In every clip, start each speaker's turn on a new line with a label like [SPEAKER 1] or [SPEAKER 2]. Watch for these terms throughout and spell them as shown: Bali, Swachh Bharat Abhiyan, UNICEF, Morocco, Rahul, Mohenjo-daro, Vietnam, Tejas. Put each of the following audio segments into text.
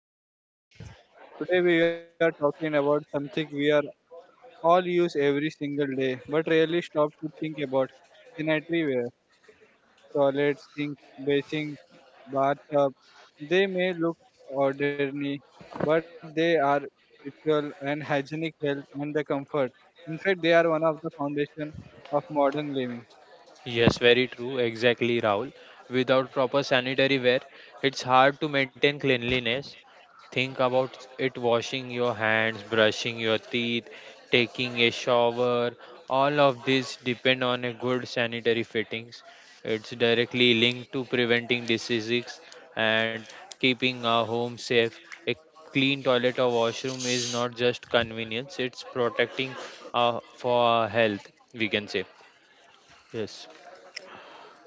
[SPEAKER 1] Welcome to our podcast. Today, we are talking about something we are all use every single day, but rarely stop to think about sanitary ware, toilets, sinks, basin, bathtub. They may look ordinary, but they are ritual and hygienic health and the comfort. In fact, they are one of the foundation of modern living.
[SPEAKER 2] Yes, very true. Exactly, Rahul. Without proper sanitary wear, it's hard to maintain cleanliness. Think about it washing your hands, brushing your teeth, taking a shower. All of these depend on a good sanitary fittings. It's directly linked to preventing diseases and keeping our home safe. A clean toilet or washroom is not just convenience, it's protecting for our health, we can say. Yes.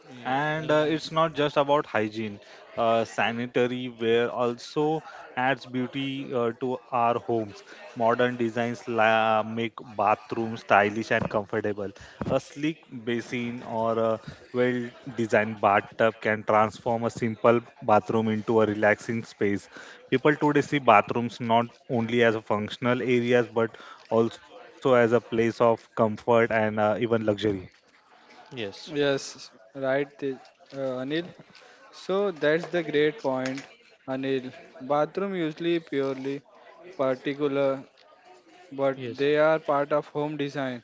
[SPEAKER 2] Ye-
[SPEAKER 3] And
[SPEAKER 2] mm,
[SPEAKER 3] It's not just about hygiene. Sanitary ware also adds beauty to our homes. Modern designs make bathrooms stylish and comfortable. A sleek basin or a well designed bathtub can transform a simple bathroom into a relaxing space. People today see bathrooms not only as a functional areas but also as a place of comfort and even luxury.
[SPEAKER 2] yes,
[SPEAKER 1] Yes, right, Anil. So that's the great point, Anil. Bathroom usually purely particular, but
[SPEAKER 2] yes,
[SPEAKER 1] they are part of home design.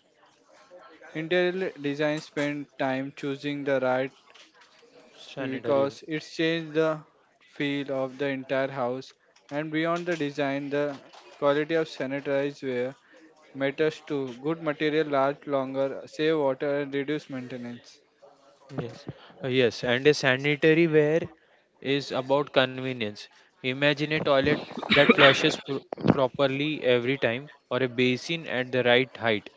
[SPEAKER 1] Interior design spend time choosing the right
[SPEAKER 2] sanitary.
[SPEAKER 1] because it's changed the feel of the entire house and beyond the design the quality of sanitized ware matters too. Good material last longer, save water and reduce maintenance.
[SPEAKER 2] Yes, yes, and a sanitary ware is about convenience. Imagine a toilet that flushes pr properly every time, or a basin at the right height.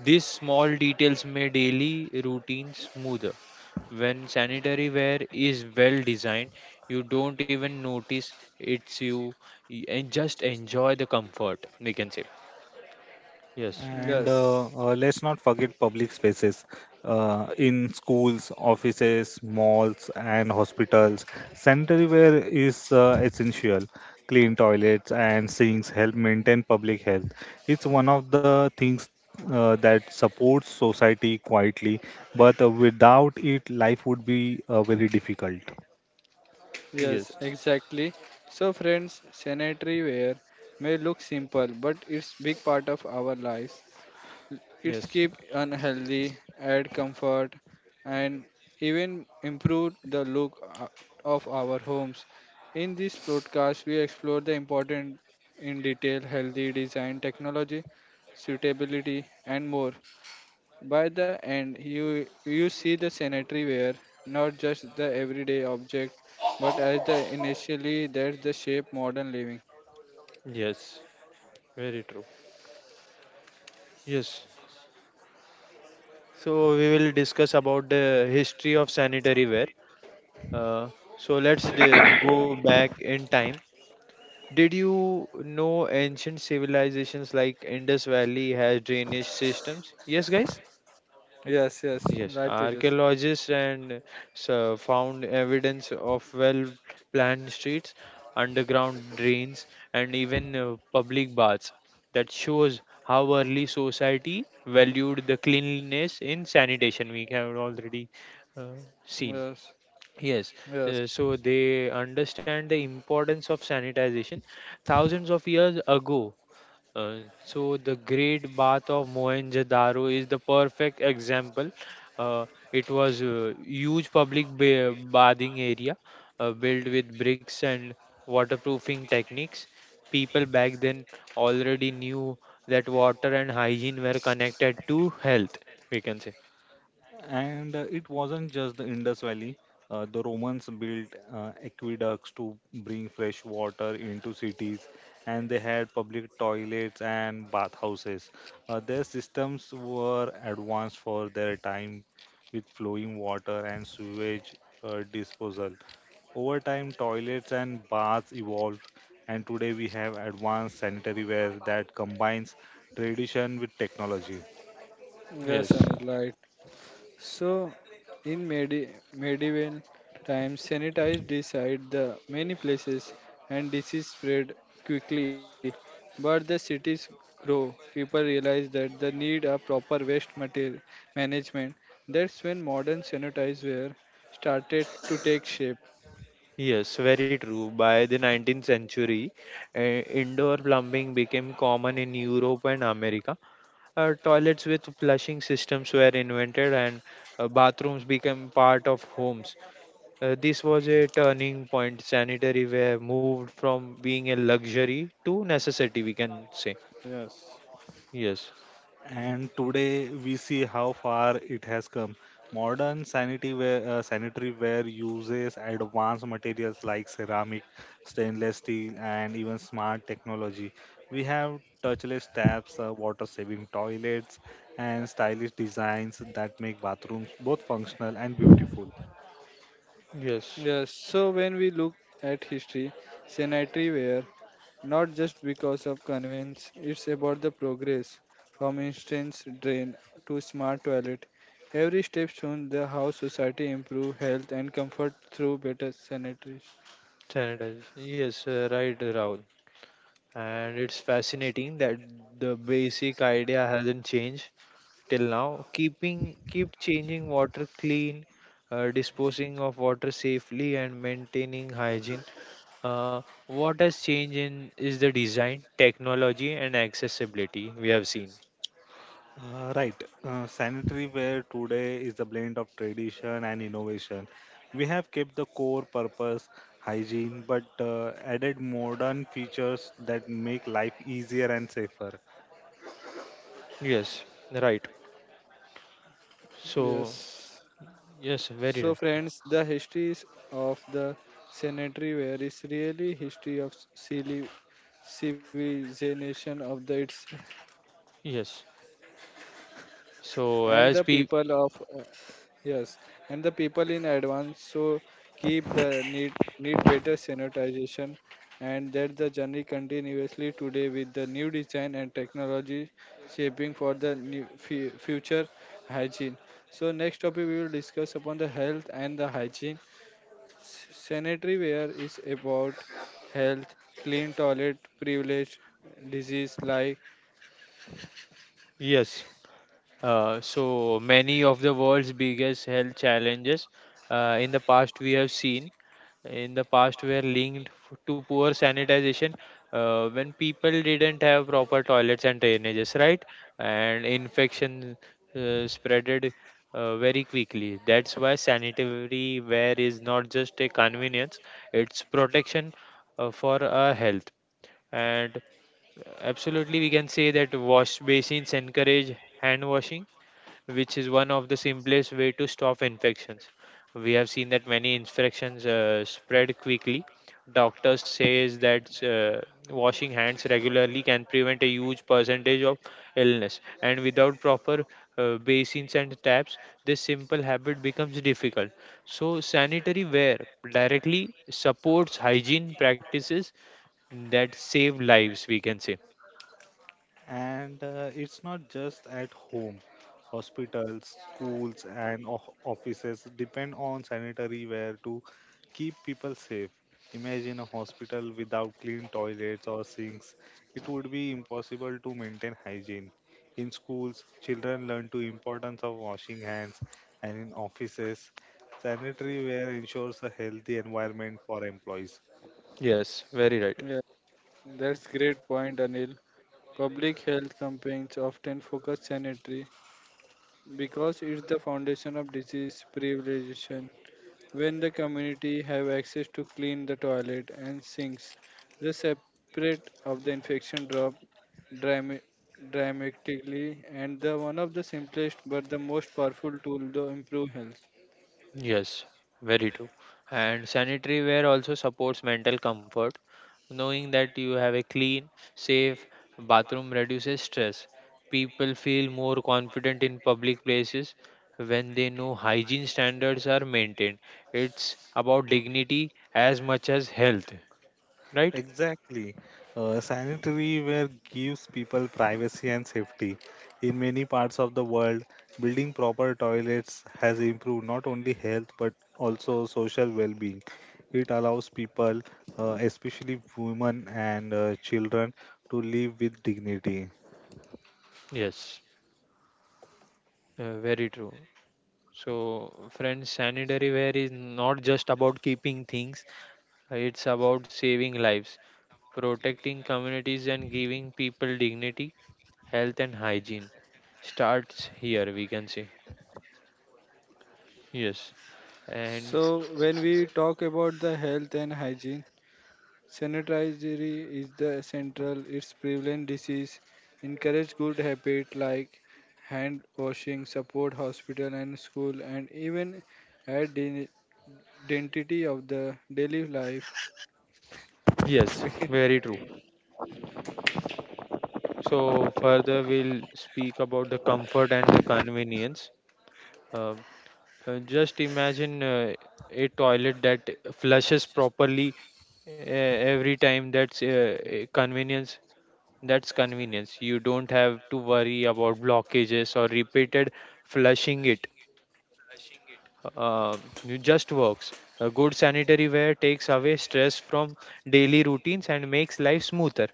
[SPEAKER 2] These small details make daily routine smoother. When sanitary ware is well designed, you don't even notice it's you, and just enjoy the comfort, we can say. Yes,
[SPEAKER 3] And
[SPEAKER 1] Yes.
[SPEAKER 3] Let's not forget public spaces in schools, offices, malls, and hospitals. Sanitary ware is essential. Clean toilets and sinks help maintain public health. It's one of the things that supports society quietly, but without it, life would be very difficult.
[SPEAKER 1] Yes,
[SPEAKER 2] yes,
[SPEAKER 1] exactly. So, friends, sanitary ware may look simple, but it's big part of our lives. It's
[SPEAKER 2] yes.
[SPEAKER 1] keep unhealthy, add comfort, and even improve the look of our homes. In this broadcast, we explore the important in detail healthy design technology, suitability, and more. By the end, you see the sanitary ware not just the everyday object, but as the initially that's the shape modern living.
[SPEAKER 2] Yes, very true. Yes. So we will discuss about the history of sanitary ware. Uh, so let's go back in time. Did you know ancient civilizations like Indus Valley has drainage systems? Yes, guys.
[SPEAKER 1] Yes, yes,
[SPEAKER 2] Yes,
[SPEAKER 1] right, Tejas.
[SPEAKER 2] archaeologists and so found evidence of well planned streets, underground drains, and even public baths that shows how early society valued the cleanliness in sanitation. We have already seen.
[SPEAKER 1] Yes,
[SPEAKER 2] Yes,
[SPEAKER 1] yes,
[SPEAKER 2] so they understand the importance of sanitization. Thousands of years ago, uh, so the great bath of Mohenjo-daro is the perfect example. Uh, it was a huge public bathing area, built with bricks and waterproofing techniques. People back then already knew that water and hygiene were connected to health, we can say.
[SPEAKER 3] And It wasn't just the Indus Valley. The Romans built aqueducts to bring fresh water into cities, and they had public toilets and bathhouses. Their systems were advanced for their time, with flowing water and sewage disposal. Over time, toilets and baths evolved, and today we have advanced sanitary ware that combines tradition with technology.
[SPEAKER 2] Yes.
[SPEAKER 1] yes, Anil, right. So, in medieval times, sanitized decide the many places and disease spread quickly. But the cities grow. People realize that the need a proper waste material management. That's when modern sanitized ware started to take shape.
[SPEAKER 2] Yes, very true. By the 19th century, indoor plumbing became common in Europe and America. Toilets with flushing systems were invented, and bathrooms became part of homes. This was a turning point. Sanitary were moved from being a luxury to necessity, we can say.
[SPEAKER 1] Yes.
[SPEAKER 2] Yes, mm,
[SPEAKER 3] And today we see how far it has come. Modern sanitary ware uses advanced materials like ceramic, stainless steel, and even smart technology. We have touchless taps, water-saving toilets, and stylish designs that make bathrooms both functional and beautiful.
[SPEAKER 2] yes,
[SPEAKER 1] Yes. So when we look at history, sanitary not just because of convenience, it's about the progress from instance drain to smart toilet. Every step shows the how society improve health and comfort through better sanitary.
[SPEAKER 2] sanitize. Yes, right, Rahul. And it's fascinating that the basic idea hasn't changed till now. Keep changing water clean, disposing of water safely, and maintaining hygiene. Uh, what has changed in is the design, technology, and accessibility we have seen.
[SPEAKER 3] Right. Sanitary ware today is a blend of tradition and innovation. We have kept the core purpose, hygiene, but added modern features that make life easier and safer.
[SPEAKER 2] Yes, right. So
[SPEAKER 1] Yes.
[SPEAKER 2] yes, very
[SPEAKER 1] So
[SPEAKER 2] right.
[SPEAKER 1] friends, the histories of the sanitary ware is really history of civilization of the its
[SPEAKER 2] Yes. So
[SPEAKER 1] and
[SPEAKER 2] as
[SPEAKER 1] the
[SPEAKER 2] we.
[SPEAKER 1] people of yes and the people in advance so keep the need better sanitization and that the journey continuously today with the new design and technology shaping for the new future hygiene so next topic we will discuss upon the health and the hygiene sanitary ware is about health clean toilet privilege disease like
[SPEAKER 2] Yes. So many of the world's biggest health challenges, in the past we have seen, in the past were linked to poor sanitization, when people didn't have proper toilets and drainages, right, and infection spreaded very quickly. That's why sanitary ware is not just a convenience, it's protection, for our health. And absolutely, we can say that wash basins encourage hand washing, which is one of the simplest way to stop infections. We have seen that many infections spread quickly. Doctors says that washing hands regularly can prevent a huge percentage of illness. And without proper basins and taps, this simple habit becomes difficult. So sanitary wear directly supports hygiene practices that save lives, we can say.
[SPEAKER 3] And It's not just at home. Hospitals, schools, and offices depend on sanitary ware to keep people safe. Imagine a hospital without clean toilets or sinks. It would be impossible to maintain hygiene. In schools, children learn to importance of washing hands, and in offices, sanitary ware ensures a healthy environment for employees.
[SPEAKER 2] Yes, very right.
[SPEAKER 1] uh, that's great point, Anil. Public health campaigns often focus sanitary because it's the foundation of disease prevention. When the community have access to clean the toilet and sinks, the separate of the infection drop drama- dramatically and the one of the simplest but the most powerful tool to improve health.
[SPEAKER 2] Yes, very true. And sanitary wear also supports mental comfort. Knowing that you have a clean, safe bathroom reduces stress. People feel more confident in public places when they know hygiene standards are maintained. It's about dignity as much as health, right?
[SPEAKER 3] Exactly. Sanitary ware gives people privacy and safety. In many parts of the world, building proper toilets has improved not only health but also social well being. It allows people, especially women and children, to live with dignity.
[SPEAKER 2] Yes, very true. So, friends, sanitary wear is not just about keeping things, it's about saving lives, protecting communities, and giving people dignity, health, and hygiene. Starts here, we can say. Yes, and
[SPEAKER 1] So when we talk about the health and hygiene, sanitizing is the central. It's prevalent disease. Encourage good habit like hand washing. Support hospital and school, and even add identity of the daily life.
[SPEAKER 2] yes, very true. So, further, we'll speak about the comfort and the convenience. Um just imagine a toilet that flushes properly every time. That's a convenience. That's convenience. You don't have to worry about blockages or repeated flushing it. Uh, it just works. A good sanitary wear takes away stress from daily routines and makes life smoother.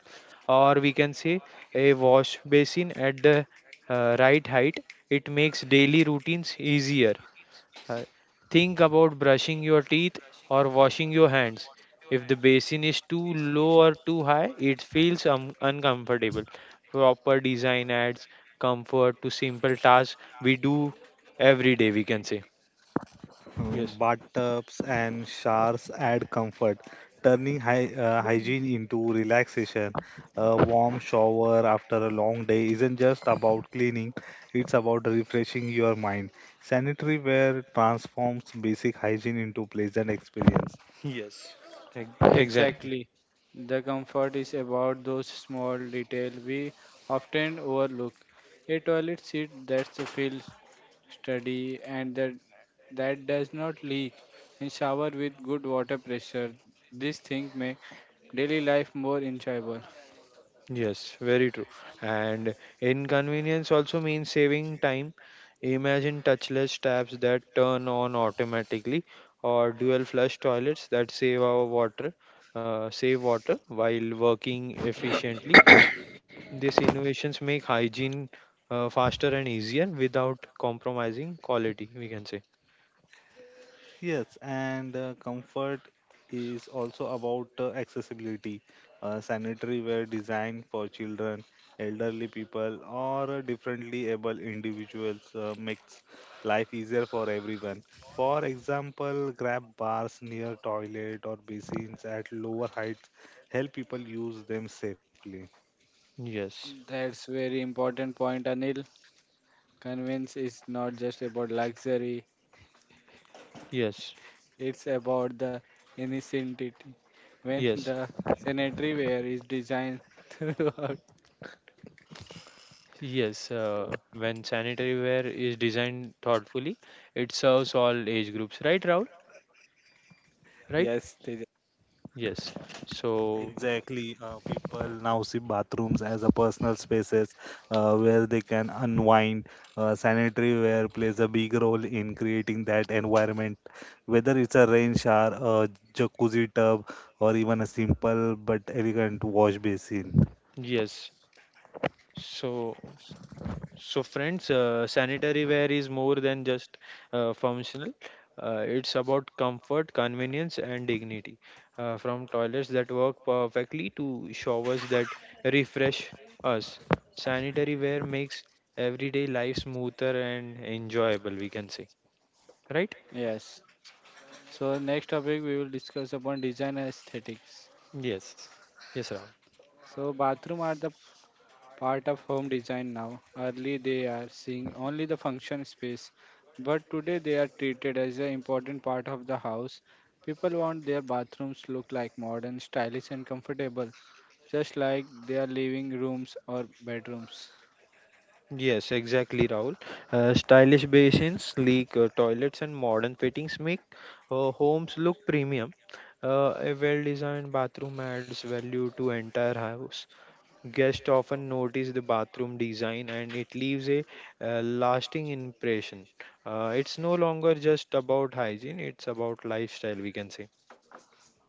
[SPEAKER 2] Or we can say a wash basin at the right height. It makes daily routines easier. Uh, think about brushing your teeth or washing your hands. If the basin is too low or too high, it feels uncomfortable. Proper design adds comfort to simple tasks we do every day, we can say. Yes.
[SPEAKER 3] Bathtubs and showers add comfort, turning hygiene into relaxation. A warm shower after a long day isn't just about cleaning, it's about refreshing your mind. Sanitary wear transforms basic hygiene into pleasant experience.
[SPEAKER 2] Yes. Ex- Exactly.
[SPEAKER 1] Exactly. The comfort is about those small details we often overlook. A toilet seat that feels sturdy and that does not leak, and shower with good water pressure. These things make daily life more enjoyable.
[SPEAKER 2] Yes, very true. And inconvenience also means saving time. Imagine touchless taps that turn on automatically, or dual flush toilets that save our water, save water while working efficiently. These innovations make hygiene faster and easier without compromising quality, we can say.
[SPEAKER 3] Yes, and comfort is also about accessibility. Sanitary ware designed for children, elderly people, or differently able individuals makes life easier for everyone. For example, grab bars near toilet or basins at lower heights help people use them safely.
[SPEAKER 2] Yes,
[SPEAKER 1] That's very important point, Anil. Convenience is not just about luxury;
[SPEAKER 2] yes,
[SPEAKER 1] it's about the innocentity. When
[SPEAKER 2] yes,
[SPEAKER 1] the sanitary ware is designed throughout
[SPEAKER 2] yes. When sanitary ware is designed thoughtfully, it serves all age groups, right, Rahul? Right.
[SPEAKER 1] Yes, Tejas.
[SPEAKER 2] Yes. So,
[SPEAKER 3] Exactly. People now see bathrooms as a personal spaces where they can unwind. Sanitary ware plays a big role in creating that environment, whether it's a rain shower, a jacuzzi tub, or even a simple but elegant wash basin.
[SPEAKER 2] yes. So so friends, sanitary ware is more than just functional. It's about comfort, convenience, and dignity. From toilets that work perfectly to showers that refresh us, sanitary ware makes everyday life smoother and enjoyable, we can say, right?
[SPEAKER 1] Yes. So next topic we will discuss upon design and aesthetics.
[SPEAKER 2] Yes, yes, Rahul.
[SPEAKER 1] So bathroom are the part of home design now. Early they are seeing only the function space, but today they are treated as an important part of the house. People want their bathrooms look like modern, stylish and comfortable, just like their living rooms or bedrooms.
[SPEAKER 2] Yes, exactly, Rahul. Stylish basins, sleek toilets, and modern fittings make homes look premium. A well-designed bathroom adds value to entire house. Guests often notice the bathroom design, and it leaves a lasting impression. It's no longer just about hygiene; it's about lifestyle, we can say.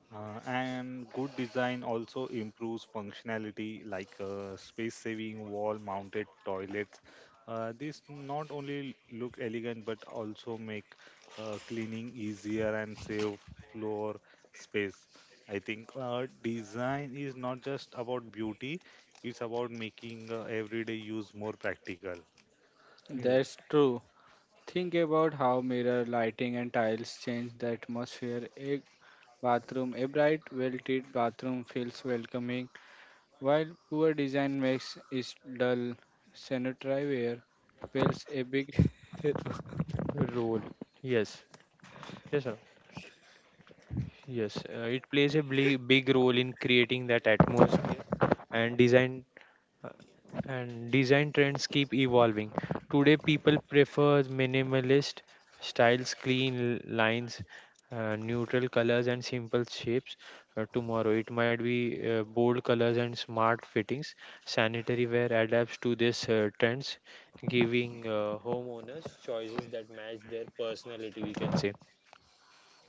[SPEAKER 3] And good design also improves functionality like space saving wall mounted toilets. These not only look elegant but also make cleaning easier and save floor space. I think design is not just about beauty, it's about making everyday use more practical.
[SPEAKER 2] Yes.
[SPEAKER 1] That's true. Think about how mirror lighting and tiles change the atmosphere. A bathroom, a bright, well-lit bathroom feels welcoming, while poor design makes it dull. Sanitary ware plays a big role.
[SPEAKER 2] Role. Yes, yes, sir. Yes, it plays a big role in creating that atmosphere and design. Uh, and design trends keep evolving. Today, people prefer minimalist styles, clean lines, neutral colors, and simple shapes. Tomorrow, it might be bold colors and smart fittings. Sanitary wear adapts to these trends, giving homeowners choices that match their personality, we can say.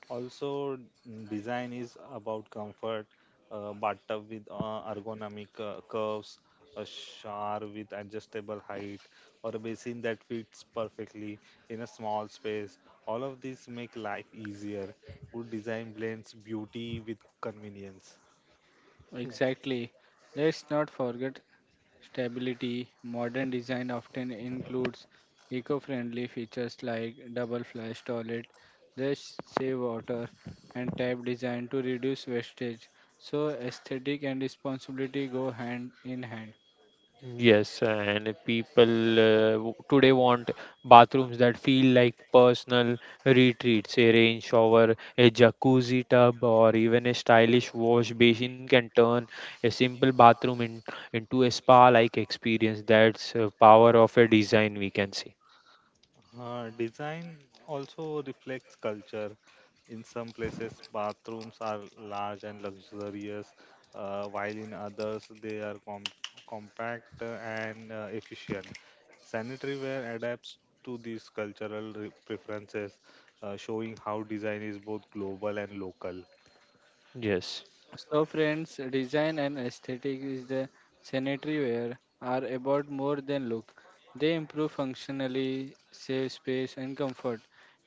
[SPEAKER 3] Also, design is about comfort. Bathtub with ergonomic curves, a shower with adjustable height, or a basin that fits perfectly in a small space. All of these make life easier. Good design blends beauty with convenience.
[SPEAKER 1] Exactly. Let's not forget stability, modern design often includes eco-friendly features like double flush toilet, just save water, and tap design to reduce wastage. So aesthetic and responsibility go hand in hand.
[SPEAKER 2] Yes, and people today want bathrooms that feel like personal retreats. A rain shower, a jacuzzi tub, or even a stylish wash basin can turn a simple bathroom into a spa-like experience. That's power of a design, we can see.
[SPEAKER 3] Design also reflects culture. In some places, bathrooms are large and luxurious, while in others, they are compact and efficient. Sanitary ware adapts to these cultural preferences, showing how design is both global and local.
[SPEAKER 2] Yes,
[SPEAKER 1] So, friends, design and aesthetic is the sanitary wear are about more than look. They improve functionally, save space and comfort,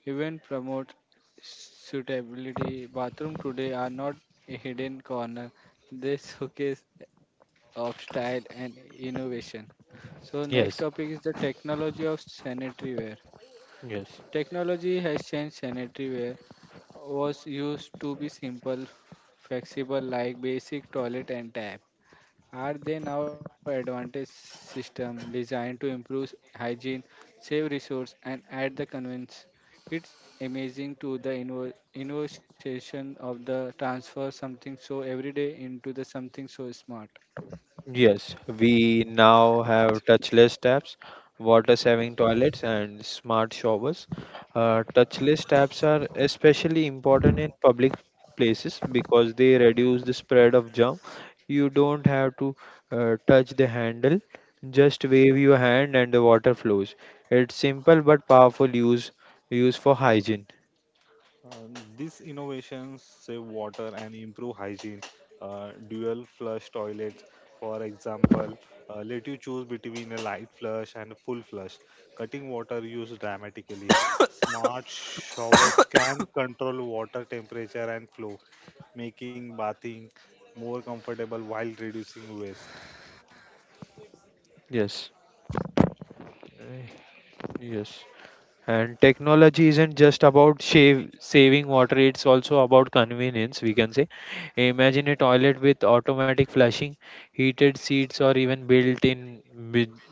[SPEAKER 1] even promote suitability. Bathroom today are not a hidden corner. They showcase of style and innovation. So next
[SPEAKER 2] yes,
[SPEAKER 1] topic is the technology of sanitary ware.
[SPEAKER 2] yes.
[SPEAKER 1] Technology has changed sanitary ware was used to be simple, flexible like basic toilet and tap. Are they now advanced system designed to improve hygiene, save resource and add the convenience? It's amazing to the innovation of the transfer something so everyday into the something so smart.
[SPEAKER 2] Yes, we now have touchless taps, water saving toilets, and smart showers. Touchless taps are especially important in public places because they reduce the spread of germ. You don't have to touch the handle, just wave your hand and the water flows. It's simple but powerful use for hygiene.
[SPEAKER 3] Uh, these innovations save water and improve hygiene. Dual flush toilets, for example, let you choose between a light flush and a full flush, cutting water use dramatically. Smart showers can control water temperature and flow, making bathing more comfortable while reducing waste.
[SPEAKER 2] Yes. Uh, Yes And technology isn't just about saving water, it's also about convenience, we can say. Imagine a toilet with automatic flushing, heated seats, or even built in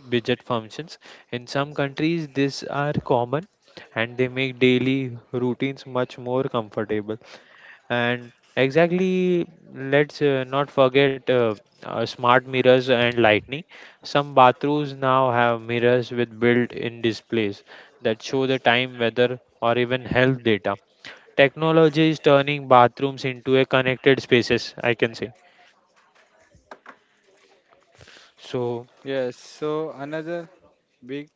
[SPEAKER 2] budget functions. In some countries, these are common and they make daily routines much more comfortable. And exactly, let's not forget smart mirrors and lighting. Some bathrooms now have mirrors with built-in displays that show the time, weather, or even health data. Technology is turning bathrooms into a connected spaces, I can say. So
[SPEAKER 1] Yes, so another big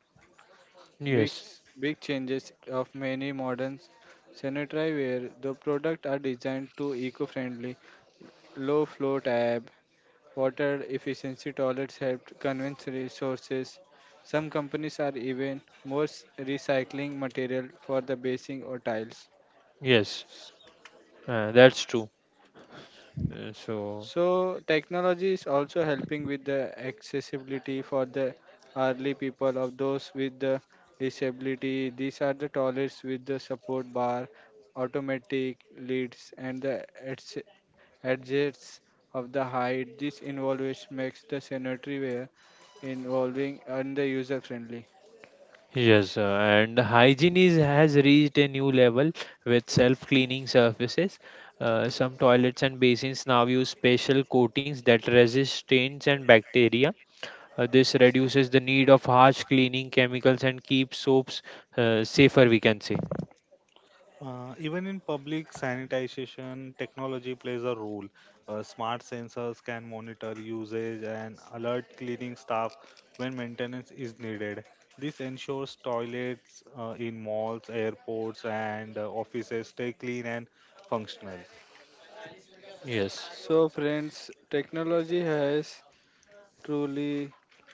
[SPEAKER 1] big
[SPEAKER 2] yes,
[SPEAKER 1] s- big changes of many modern sanitary ware the product are designed to eco-friendly low flow tab, water efficiency toilets helped convince resources. Some companies are even recycling material for the basing or tiles.
[SPEAKER 2] yes, that's true. So,
[SPEAKER 1] So technology is also helping with the accessibility for the early people of those with the disability. These are the toilets with the support bar, automatic lids, and the adjusts of the height. This innovation makes the sanitary ware involving and the user friendly.
[SPEAKER 2] yes, and hygiene is, has reached a new level with self-cleaning surfaces. Some toilets and basins now use special coatings that resist stains and bacteria. This reduces the need of harsh cleaning chemicals and keeps soaps safer, we can say.
[SPEAKER 3] Even in public sanitation, technology plays a role. Smart sensors can monitor usage and alert cleaning staff when maintenance is needed. This ensures toilets in malls, airports, and offices stay clean and functional.
[SPEAKER 2] Yes,
[SPEAKER 1] So friends, technology has truly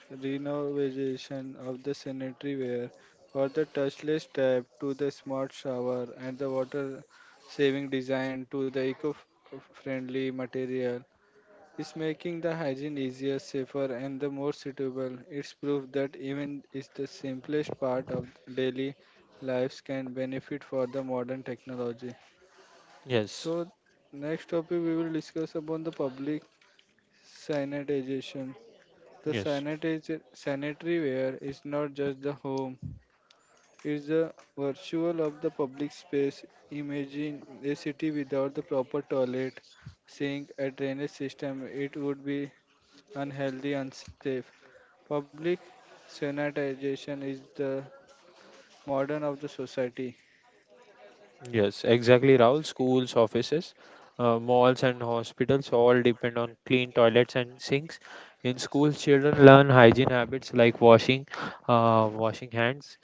[SPEAKER 1] renovation of the sanitary ware for the touchless tap to the smart shower and the water saving design to the eco friendly material is making the hygiene easier, safer, and the more suitable. It's proof that even is the simplest part of daily lives can benefit for the modern technology.
[SPEAKER 2] yes,
[SPEAKER 1] So, next topic we will discuss upon the public sanitization. The
[SPEAKER 2] yes.
[SPEAKER 1] sanitary ware is not just the home; it's the virtual of the public space. Imagine a city without the proper toilet, sink, a drainage system. It would be unhealthy, unsafe. Public sanitization is the modern of the society.
[SPEAKER 2] Yes, exactly, Rahul. Schools, offices, malls, and hospitals all depend on clean toilets and sinks. In schools, children learn hygiene habits like washing hands,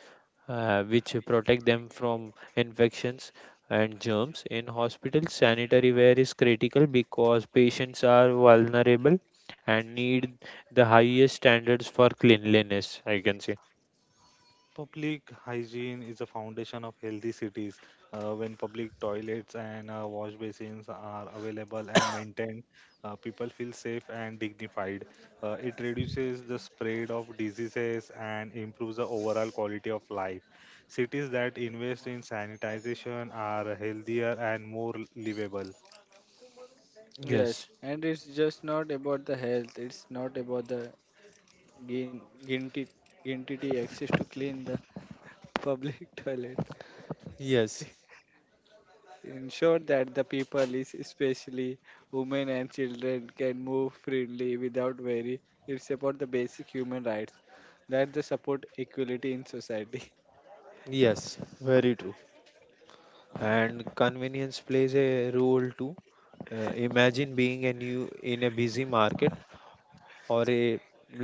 [SPEAKER 2] which protect them from infections and germs. In hospitals, sanitary ware is critical because patients are vulnerable and need the highest standards for cleanliness, I can say.
[SPEAKER 3] Public hygiene is the foundation of healthy cities. When public toilets and wash basins are available and maintained, people feel safe and dignified. It reduces the spread of diseases and improves the overall quality of life. Cities that invest in sanitization are healthier and more livable.
[SPEAKER 1] Yes,
[SPEAKER 2] Yes,
[SPEAKER 1] and it's just not about the health. It's not about the gain guilty access to clean the public toilet.
[SPEAKER 2] yes,
[SPEAKER 1] Ensure that the people, is especially women and children, can move freely without worry. It's about the basic human rights that they support equality in society.
[SPEAKER 2] yes, very true. And convenience plays a role too. Imagine being a new in a busy market or a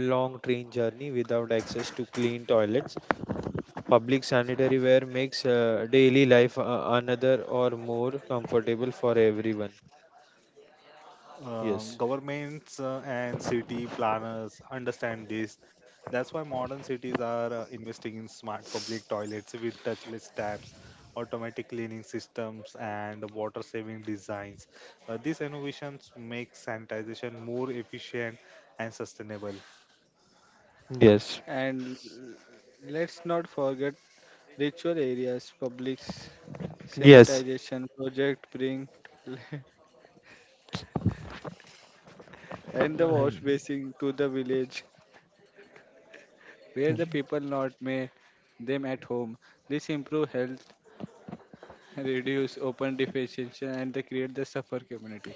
[SPEAKER 2] long train journey without access to clean toilets. Public sanitary ware makes daily life another or more comfortable for everyone. Yes.
[SPEAKER 3] Governments and city planners understand this. That's why modern cities are investing in smart public toilets with touchless taps, automatic cleaning systems, and water saving designs. These innovations make sanitization more efficient and sustainable.
[SPEAKER 2] Yes.
[SPEAKER 1] And let's not forget ritual areas, public
[SPEAKER 2] Yes.
[SPEAKER 1] sanitization project bring and the
[SPEAKER 2] I-
[SPEAKER 1] wash basin to the village where the
[SPEAKER 2] Y-
[SPEAKER 1] people not may them at home. This improve health, reduce open defecation and they create the suffer community.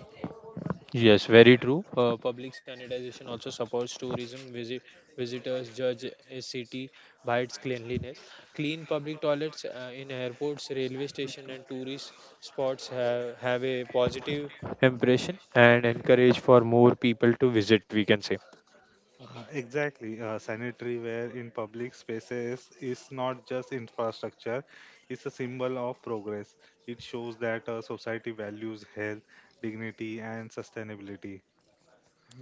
[SPEAKER 2] Yes, very true. Public sanitization also supports tourism. Visitors judge a city by its cleanliness. Clean public toilets in airports, railway station, and tourist spots have a positive impression and encourage for more people to visit, we can say.
[SPEAKER 3] Exactly. Sanitary ware in public spaces is not just infrastructure, it's a symbol of progress. It shows that society values health, dignity, and sustainability.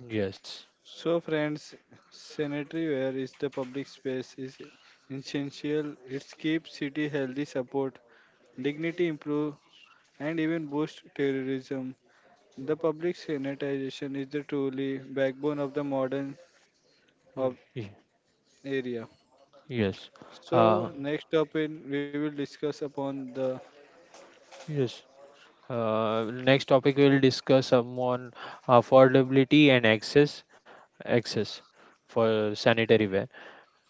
[SPEAKER 2] Yes,
[SPEAKER 1] So friends, sanitary ware is the public space is essential. It keeps city healthy, support dignity, improve and even boost terrorism. The public sanitization is the truly backbone of the modern
[SPEAKER 2] mm,
[SPEAKER 1] of area.
[SPEAKER 2] yes, uh,
[SPEAKER 1] So next topic we will discuss upon the
[SPEAKER 2] yes. Next topic we'll discuss on affordability and access for sanitary ware.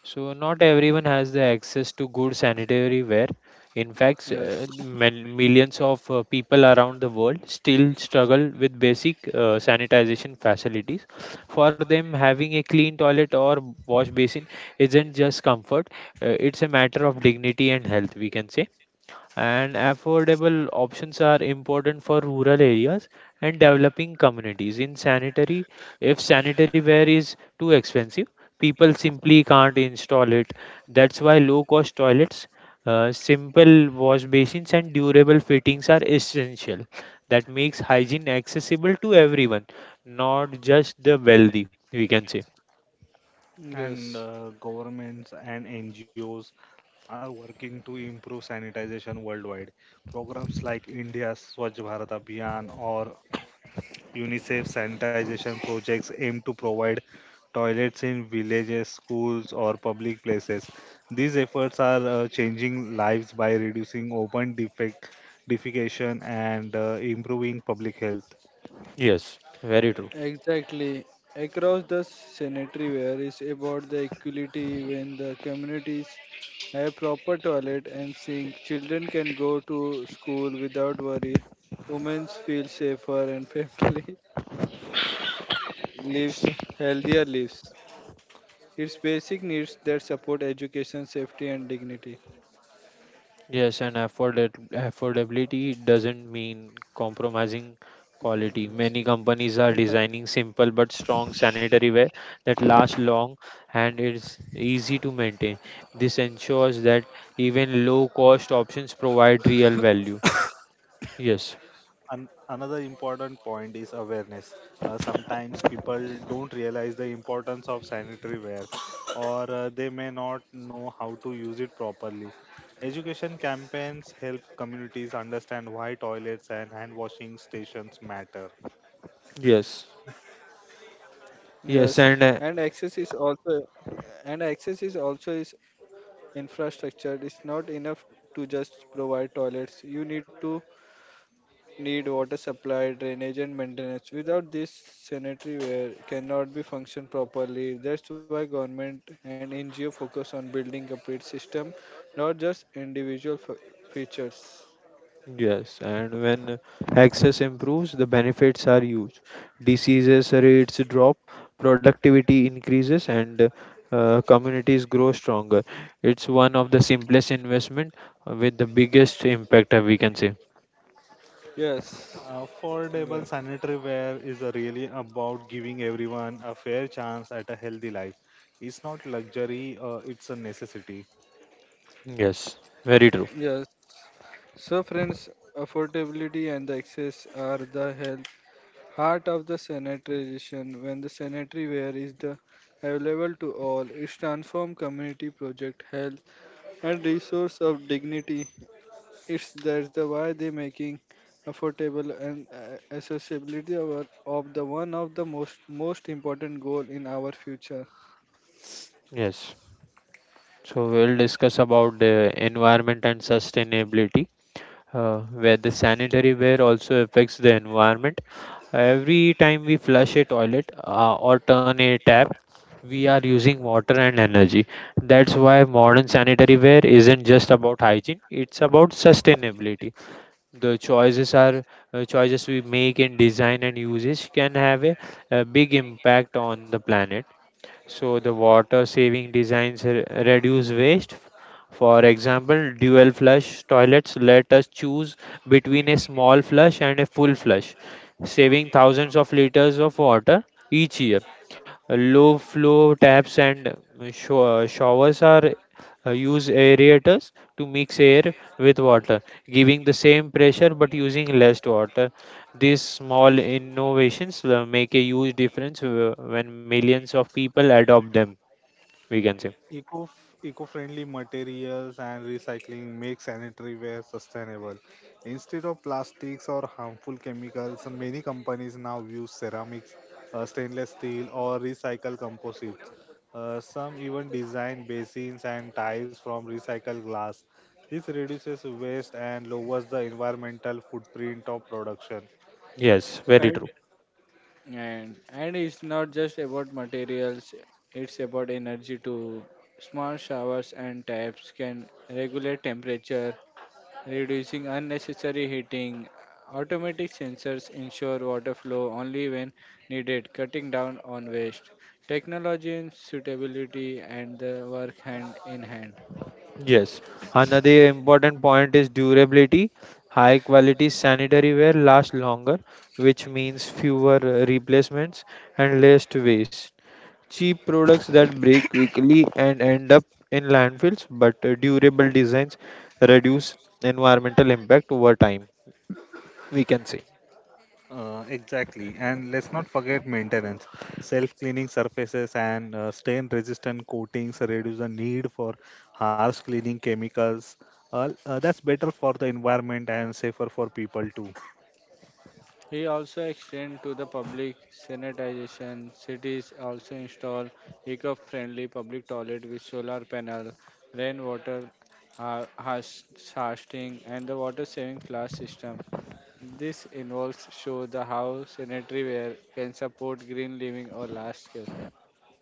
[SPEAKER 2] So not everyone has the access to good sanitary ware. In fact,
[SPEAKER 1] yes
[SPEAKER 2] millions of people around the world still struggle with basic sanitization facilities. For them, having a clean toilet or wash basin isn't just comfort, it's a matter of dignity and health, we can say. And affordable options are important for rural areas and developing communities in sanitary. If sanitary ware is too expensive, people simply can't install it. That's why low cost toilets, simple wash basins and durable fittings are essential. That makes hygiene accessible to everyone, not just the wealthy, we can say.
[SPEAKER 1] yes
[SPEAKER 3] And Governments and NGOs are working to improve sanitization worldwide. Programs like India's Swachh Bharat Abhiyan or UNICEF sanitization projects aim to provide toilets in villages, schools, or public places. These efforts are changing lives by reducing defecation and improving public health.
[SPEAKER 2] Yes, very true.
[SPEAKER 1] exactly across the sanitary ware is about the equality when the communities have proper toilet and sink children can go to school without worry women feel safer and family lives healthier lives. It's basic needs that support education, safety, and dignity.
[SPEAKER 2] Yes, and affordability doesn't mean compromising quality. Many companies are
[SPEAKER 1] Yes.
[SPEAKER 2] designing simple but strong sanitary ware that lasts long and is easy to maintain. This ensures that even low cost options provide real value. Yes,
[SPEAKER 3] Another important point is awareness. Sometimes people don't realize the importance of sanitary ware or they may not know how to use it properly. Education campaigns help communities understand why toilets and hand washing stations matter.
[SPEAKER 2] yes,
[SPEAKER 1] Yes.
[SPEAKER 2] yes,
[SPEAKER 1] and
[SPEAKER 2] and
[SPEAKER 1] access is also and access is also is infrastructure. It's not enough to just provide toilets. You need to need water supply, drainage, and maintenance. Without this, sanitary ware cannot be function properly. That's why government and NGO focus on building complete system, not just individual features.
[SPEAKER 2] yes, and when access improves, the benefits are huge. Diseases rates drop, productivity increases, and communities grow stronger. It's one of the simplest investment with the biggest impact, we can say.
[SPEAKER 1] Yes. Yeah.
[SPEAKER 3] Affordable sanitary ware is really about giving everyone a fair chance at a healthy life. It's not luxury, it's a necessity.
[SPEAKER 2] Yes, very true.
[SPEAKER 1] Yes. So, friends, affordability and the access are the health, heart of the sanitary. When the sanitary ware is the available to all, it's transform community project health and resource of dignity. It's that's the why they making affordable and accessibility of, of the one of the most important goal in our future.
[SPEAKER 2] Yes. So we'll discuss about the environment and sustainability, where the sanitary ware also affects the environment. Every time we flush a toilet or turn a tap, we are using water and energy. That's why modern sanitary ware isn't just about hygiene, it's about sustainability. The choices are Choices we make in design and usage can have a big impact on the planet. So the water saving designs reduce waste. For example, dual flush toilets let us choose between a small flush and a full flush, saving thousands of liters of water each year. Low flow taps and showers are use aerators to mix air with water, giving the same pressure but using less water. These small innovations make a huge difference when millions of people adopt them, we can say.
[SPEAKER 3] Eco eco-friendly materials and recycling make sanitary ware sustainable. Instead of plastics or harmful chemicals, many companies now use ceramics, stainless steel, or recycle composites. Some even design basins and tiles from recycled glass. This reduces waste and lowers the environmental footprint of production.
[SPEAKER 2] Yes, very
[SPEAKER 1] And
[SPEAKER 2] true.
[SPEAKER 1] and it's not just about materials, it's about energy too, small showers and taps can regulate temperature reducing unnecessary heating automatic sensors ensure water flow only when needed cutting down on waste technology and suitability and the work hand in hand.
[SPEAKER 2] Yes. Another important point is durability. High quality sanitary ware lasts longer, which means fewer replacements and less waste. Cheap products that break quickly and end up in landfills, but durable designs reduce environmental impact over time, we can say.
[SPEAKER 3] Exactly. And let's not forget maintenance. Self-cleaning surfaces and stain-resistant coatings reduce the need for harsh cleaning chemicals. That's better for the environment and safer for people too.
[SPEAKER 1] He also extended to the public sanitization. Cities also install eco-friendly public toilet with solar panel, rainwater har- has- harvesting, and the water-saving flush system. This involves show the how sanitary ware can support green living or large scale.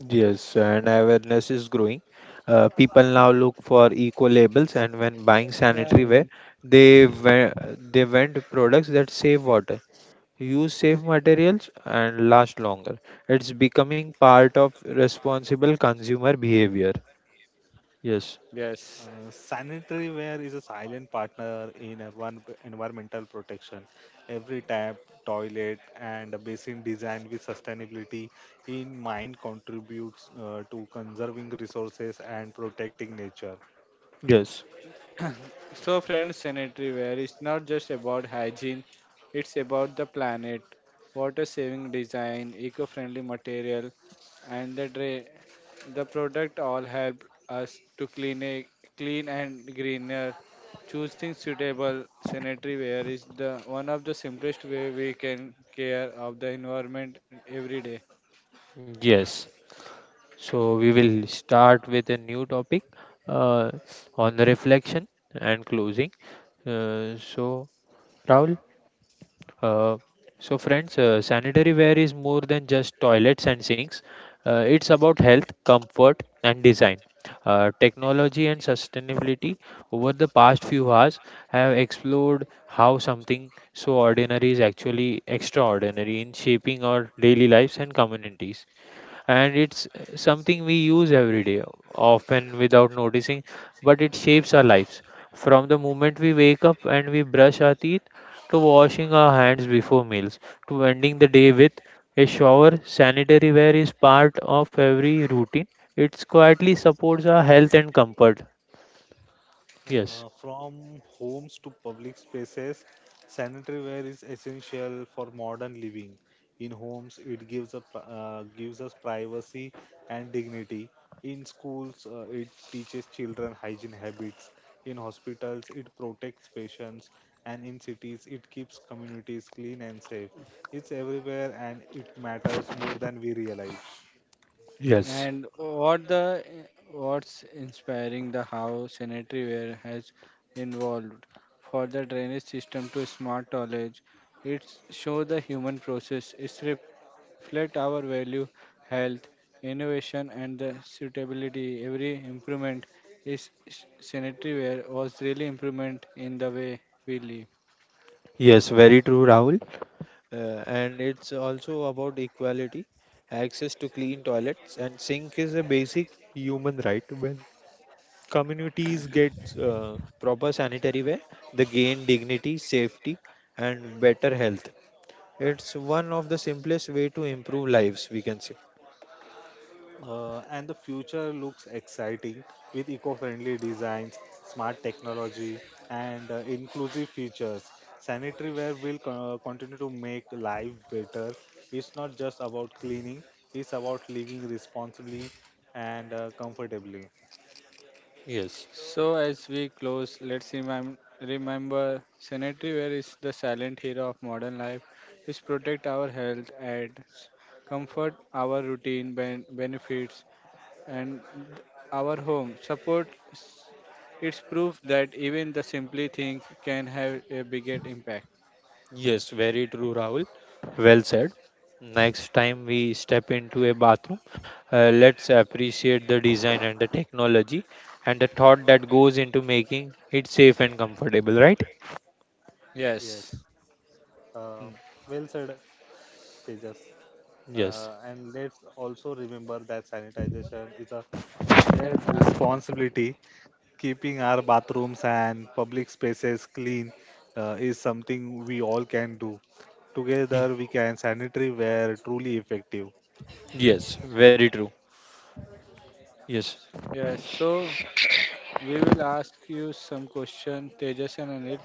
[SPEAKER 2] Yes, and awareness is growing. People now look for eco labels, and when buying
[SPEAKER 1] That
[SPEAKER 2] sanitary ware,
[SPEAKER 1] way.
[SPEAKER 2] they ve- they vend products that save water, use safe materials, and last longer. It's becoming part of responsible consumer behavior. Yes,
[SPEAKER 1] Yes.
[SPEAKER 3] Sanitary ware is a silent partner in environmental protection. Every tap, toilet, and basin design with sustainability in mind contributes to conserving resources and protecting nature.
[SPEAKER 2] yes.
[SPEAKER 1] So, friends, sanitary ware is not just about hygiene, it's about the planet, water saving design, eco friendly material, and the product all help us to clean and greener. Choosing suitable sanitary ware is the one of the simplest way we can care of the environment every day.
[SPEAKER 2] Yes. So we will start with a new topic uh, on the reflection and closing. So Rahul, uh, so friends, sanitary ware is more than just toilets and sinks. It's about health, comfort, and design. Technology and sustainability over the past few hours have explored how something so ordinary is actually extraordinary in shaping our daily lives and communities, and it's something we use every day, often without noticing, but it shapes our lives. From the moment we wake up and we brush our teeth, to washing our hands before meals, to ending the day with a shower, sanitary wear is part of every routine. It quietly supports our health and comfort. Yes.
[SPEAKER 3] From homes to public spaces, sanitary ware is essential for modern living. In homes, it gives gives us privacy and dignity. In schools, it teaches children hygiene habits. In hospitals, it protects patients, and in cities, it keeps communities clean and safe. It's everywhere, and it matters more than we realize.
[SPEAKER 2] Yes,
[SPEAKER 1] And what's inspiring the how sanitaryware has involved for the drainage system to smart knowledge. It show the human process. It reflect our value, health, innovation, and the suitability. Every improvement is sanitaryware was really improvement in the way we live.
[SPEAKER 2] yes, very true, Rahul. Uh, and it's also about equality. Access to clean toilets and sink is a basic human right. When communities get proper sanitary ware, they gain dignity, safety, and better health. It's one of the simplest way to improve lives, we can say.
[SPEAKER 3] And the future looks exciting with eco-friendly designs, smart technology, and inclusive features. Sanitary ware will continue to make life better. It's not just about cleaning; it's about living responsibly and comfortably.
[SPEAKER 2] Yes,
[SPEAKER 1] So, as we close, let's remember sanitary ware is the silent hero of modern life. It's protect our health adds comfort our routine benefits and our home. Support it's proof that even the simply thing can have a bigger impact.
[SPEAKER 2] yes, very true, Rahul. Well said. Next time we step into a bathroom, let's appreciate the design and the technology and the thought that goes into making it safe and comfortable, right?
[SPEAKER 1] Yes.
[SPEAKER 3] Yes, uh,
[SPEAKER 2] Mm.
[SPEAKER 3] well said, Tejas.
[SPEAKER 2] Yes,
[SPEAKER 3] And let's also remember that sanitization is a
[SPEAKER 1] Villain
[SPEAKER 3] shared
[SPEAKER 1] are given.
[SPEAKER 3] responsibility keeping our bathrooms and public spaces clean is something we all can do.
[SPEAKER 2] y-
[SPEAKER 3] Together, we can sanitary wear truly effective.
[SPEAKER 2] yes, very true. Yes,
[SPEAKER 1] Yes. So we will ask you some question, Tejas and Anil.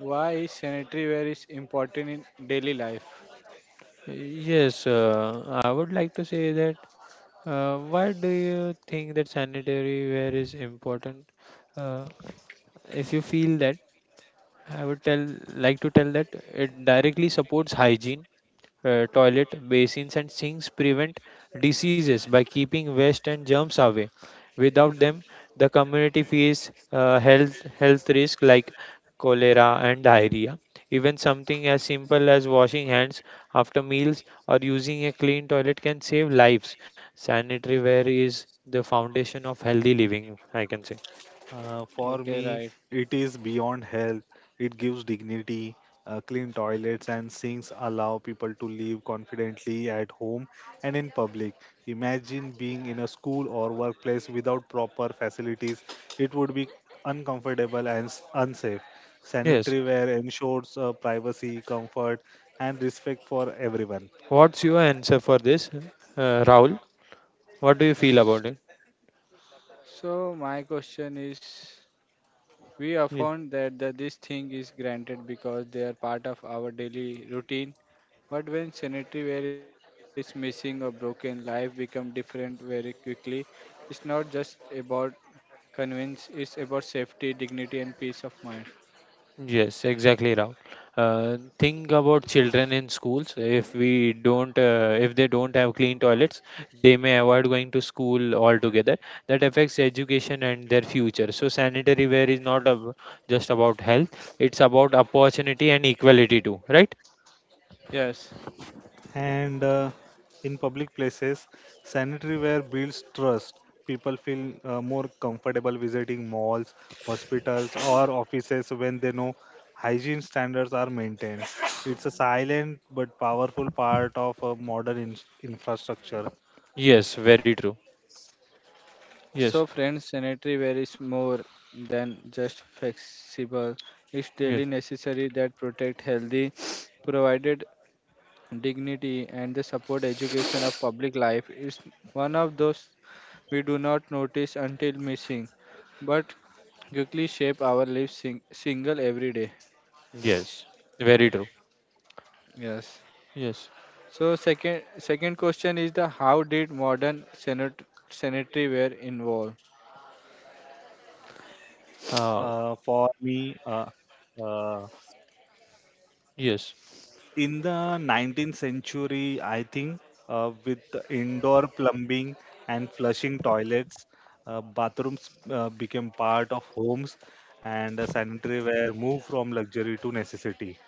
[SPEAKER 1] Why is sanitary ware is important in daily life?
[SPEAKER 2] yes, I would like to say that. Why do you think that sanitary ware is important? Uh, if you feel that, I would tell like to tell that it directly supports hygiene. Toilet basins and sinks prevent diseases by keeping waste and germs away. Without them, the community faces health risk like cholera and diarrhea. Even something as simple as washing hands after meals or using a clean toilet can save lives. Sanitary ware is the foundation of healthy living, I can say.
[SPEAKER 3] For
[SPEAKER 1] Okay,
[SPEAKER 3] me,
[SPEAKER 1] right.
[SPEAKER 3] it is beyond health. It gives dignity. Clean toilets and sinks allow people to live confidently at home and in public. Imagine being in a school or workplace without proper facilities. It would be uncomfortable and unsafe.
[SPEAKER 2] Yes,
[SPEAKER 3] Sanitary ware ensures privacy, comfort, and respect for everyone.
[SPEAKER 2] what's your answer for this, Rahul? What do you feel about it?
[SPEAKER 1] So my question is, we are
[SPEAKER 2] Yeah.
[SPEAKER 1] found that the, this thing is granted because they are part of our daily routine. But when sanitary ware is missing or broken, life become different very quickly. It's not just about convenience; it's about safety, dignity, and peace of mind.
[SPEAKER 2] Yes, exactly, Rahul. Think about children in schools. If they don't have clean toilets, they may avoid going to school altogether. That affects education and their future. So sanitary ware is not ab just about health; it's about opportunity and equality too, right?
[SPEAKER 1] Yes.
[SPEAKER 3] And in public places sanitary ware builds trust people feel more comfortable visiting malls hospitals or offices when they know hygiene standards are maintained. It's a silent but powerful part of a modern infrastructure.
[SPEAKER 2] Yes, very true. Yes,
[SPEAKER 1] So friends, sanitary ware is more than just flexible. It's
[SPEAKER 2] yes,
[SPEAKER 1] daily necessary that protect healthy, provided dignity, and the support education of public life is one of those we do not notice until missing, but quickly shape our lives single every day.
[SPEAKER 2] yes, very true.
[SPEAKER 1] Yes.
[SPEAKER 2] Yes,
[SPEAKER 1] So second question is the how did modern sanitary ware involve?
[SPEAKER 2] uh,
[SPEAKER 3] Uh, for me uh, uh,
[SPEAKER 2] yes.
[SPEAKER 3] in the 19th century, I think, with the indoor plumbing and flushing toilets, bathrooms became part of homes and sanitary ware moved from luxury to necessity.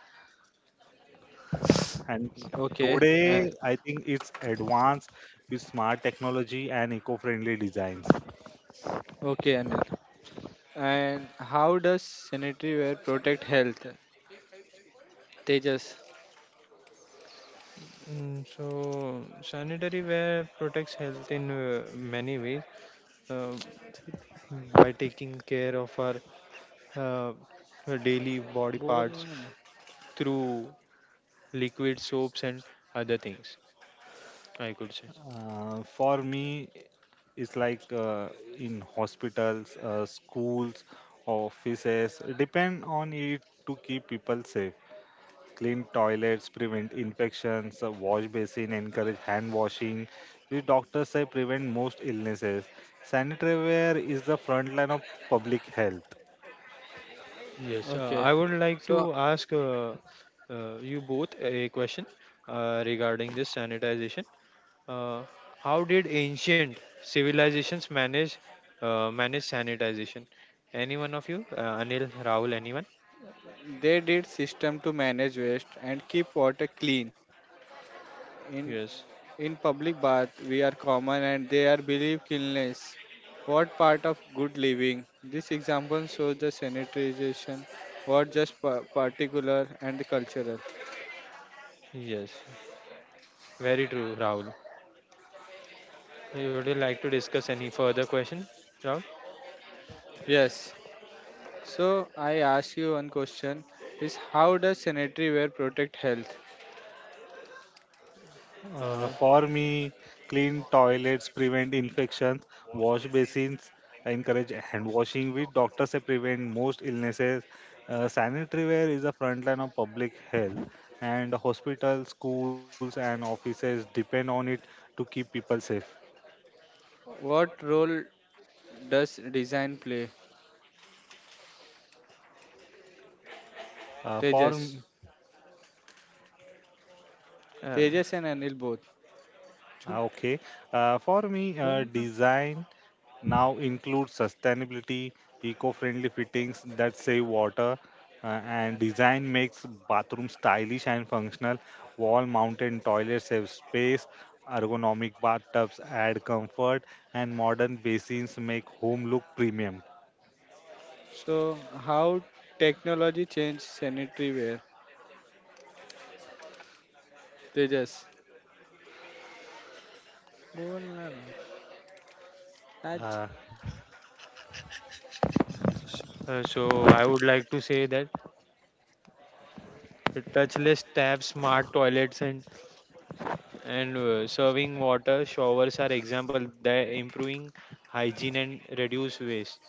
[SPEAKER 3] And
[SPEAKER 1] Okay.
[SPEAKER 3] today, I think it's advanced with smart technology and eco friendly designs.
[SPEAKER 1] Okay, Anil. And how does sanitary ware protect health? Tejas.
[SPEAKER 2] Mm, so sanitary ware protects health in many ways. Uh, by taking care of our uh, daily body
[SPEAKER 1] बोल
[SPEAKER 2] parts
[SPEAKER 1] ना मैं.
[SPEAKER 2] through liquid soaps and other things, I could say.
[SPEAKER 3] For me, it's like in hospitals, schools, offices, depend on it to keep people safe. Clean toilets prevent infections, wash basin encourage hand washing, which doctors say prevent most illnesses. Sanitaryware is the front line of public health.
[SPEAKER 2] Yes,
[SPEAKER 1] Okay.
[SPEAKER 2] uh, i would
[SPEAKER 1] So
[SPEAKER 2] like to ask uh, uh, you both a question regarding this sanitization. Uh, how did ancient civilizations manage uh, manage sanitization? Any one of you, Anil, Rahul, anyone?
[SPEAKER 1] they did system to manage waste and keep water clean. In
[SPEAKER 2] Yes,
[SPEAKER 1] in public bath we are common and they are believe cleanliness. What part of good living? This example shows the sanitization, what just particular and the cultural.
[SPEAKER 2] yes, very true, Rahul. Would you like to discuss any further question, Rahul?
[SPEAKER 1] Yes. So I ask you one question is how does sanitary ware protect health?
[SPEAKER 2] Uh,
[SPEAKER 3] For me, clean toilets prevent infections, wash basins encourage hand washing, which doctors say prevent most illnesses. Sanitaryware is the front line of public health, and hospitals, schools, and offices depend on it to keep people safe.
[SPEAKER 1] What role does design play?
[SPEAKER 3] Uh, for m-
[SPEAKER 1] Tejas.
[SPEAKER 2] uh,
[SPEAKER 1] Tejas and Anil both.
[SPEAKER 3] Ah,
[SPEAKER 1] Chut,
[SPEAKER 3] okay. For me,
[SPEAKER 1] बोल ना.
[SPEAKER 3] design now includes sustainability, eco-friendly fittings that save water, uh, and design makes bathroom stylish and functional. Wall-mounted toilets save space, ergonomic bathtubs add comfort, and modern basins make home look premium.
[SPEAKER 1] So, how technology changed sanitary wear? Tejas. बोलना ना. आज.
[SPEAKER 3] Uh,
[SPEAKER 2] so I would like to say that touchless taps, smart toilets, and serving water showers are example that improving hygiene and reduce waste,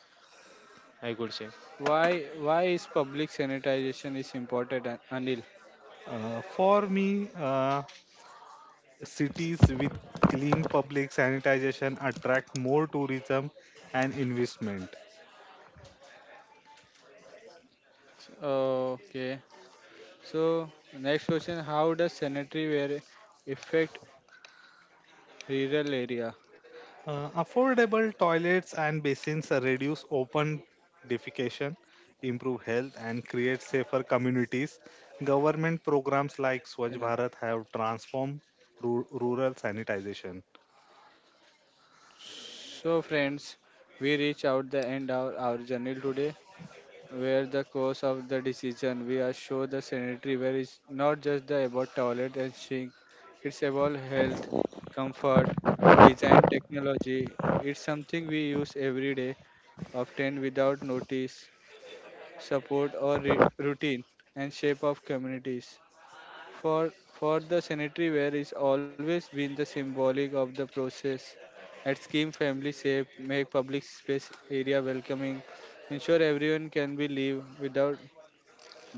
[SPEAKER 2] I could say.
[SPEAKER 1] Why is public sanitization is important, Anil?
[SPEAKER 3] for me, cities with clean public sanitization attract more tourism and investment.
[SPEAKER 1] Okay. So next question: How does sanitary wear affect rural area?
[SPEAKER 3] Affordable toilets and basins reduce open defecation, improve health, and create safer communities. Government programs like Swachh
[SPEAKER 1] Yeah.
[SPEAKER 3] Bharat have transformed rural sanitization.
[SPEAKER 1] So friends, we reach out the end of our journey today. Where the cause of the decision we are show the sanitary where it's not just the about toilet and sink, it's about health, comfort, design technology, it's something we use every day often without notice, support or routine and shape of communities. For the sanitary ware is always been the symbolic of the process at scheme family safe make public space area welcoming ensure everyone can be live without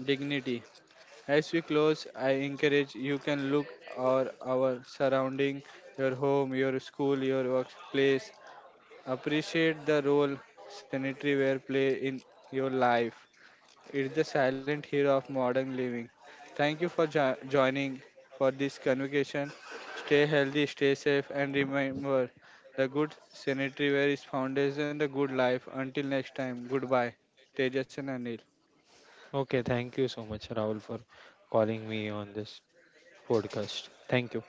[SPEAKER 1] dignity. As we close, I encourage you can look our surrounding, your home, your school, your workplace. Appreciate the role sanitary ware play in your life. It's the silent hero of modern living. Thank you for joining for this convocation. Stay healthy, stay safe, and remember the good sanitary ware is foundation the good life. Until next time, goodbye. Tejas and Anil.
[SPEAKER 2] Okay, thank you so much, Rahul, for calling me on this podcast. Thank you.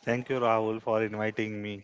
[SPEAKER 3] Thank you, Rahul, for inviting me.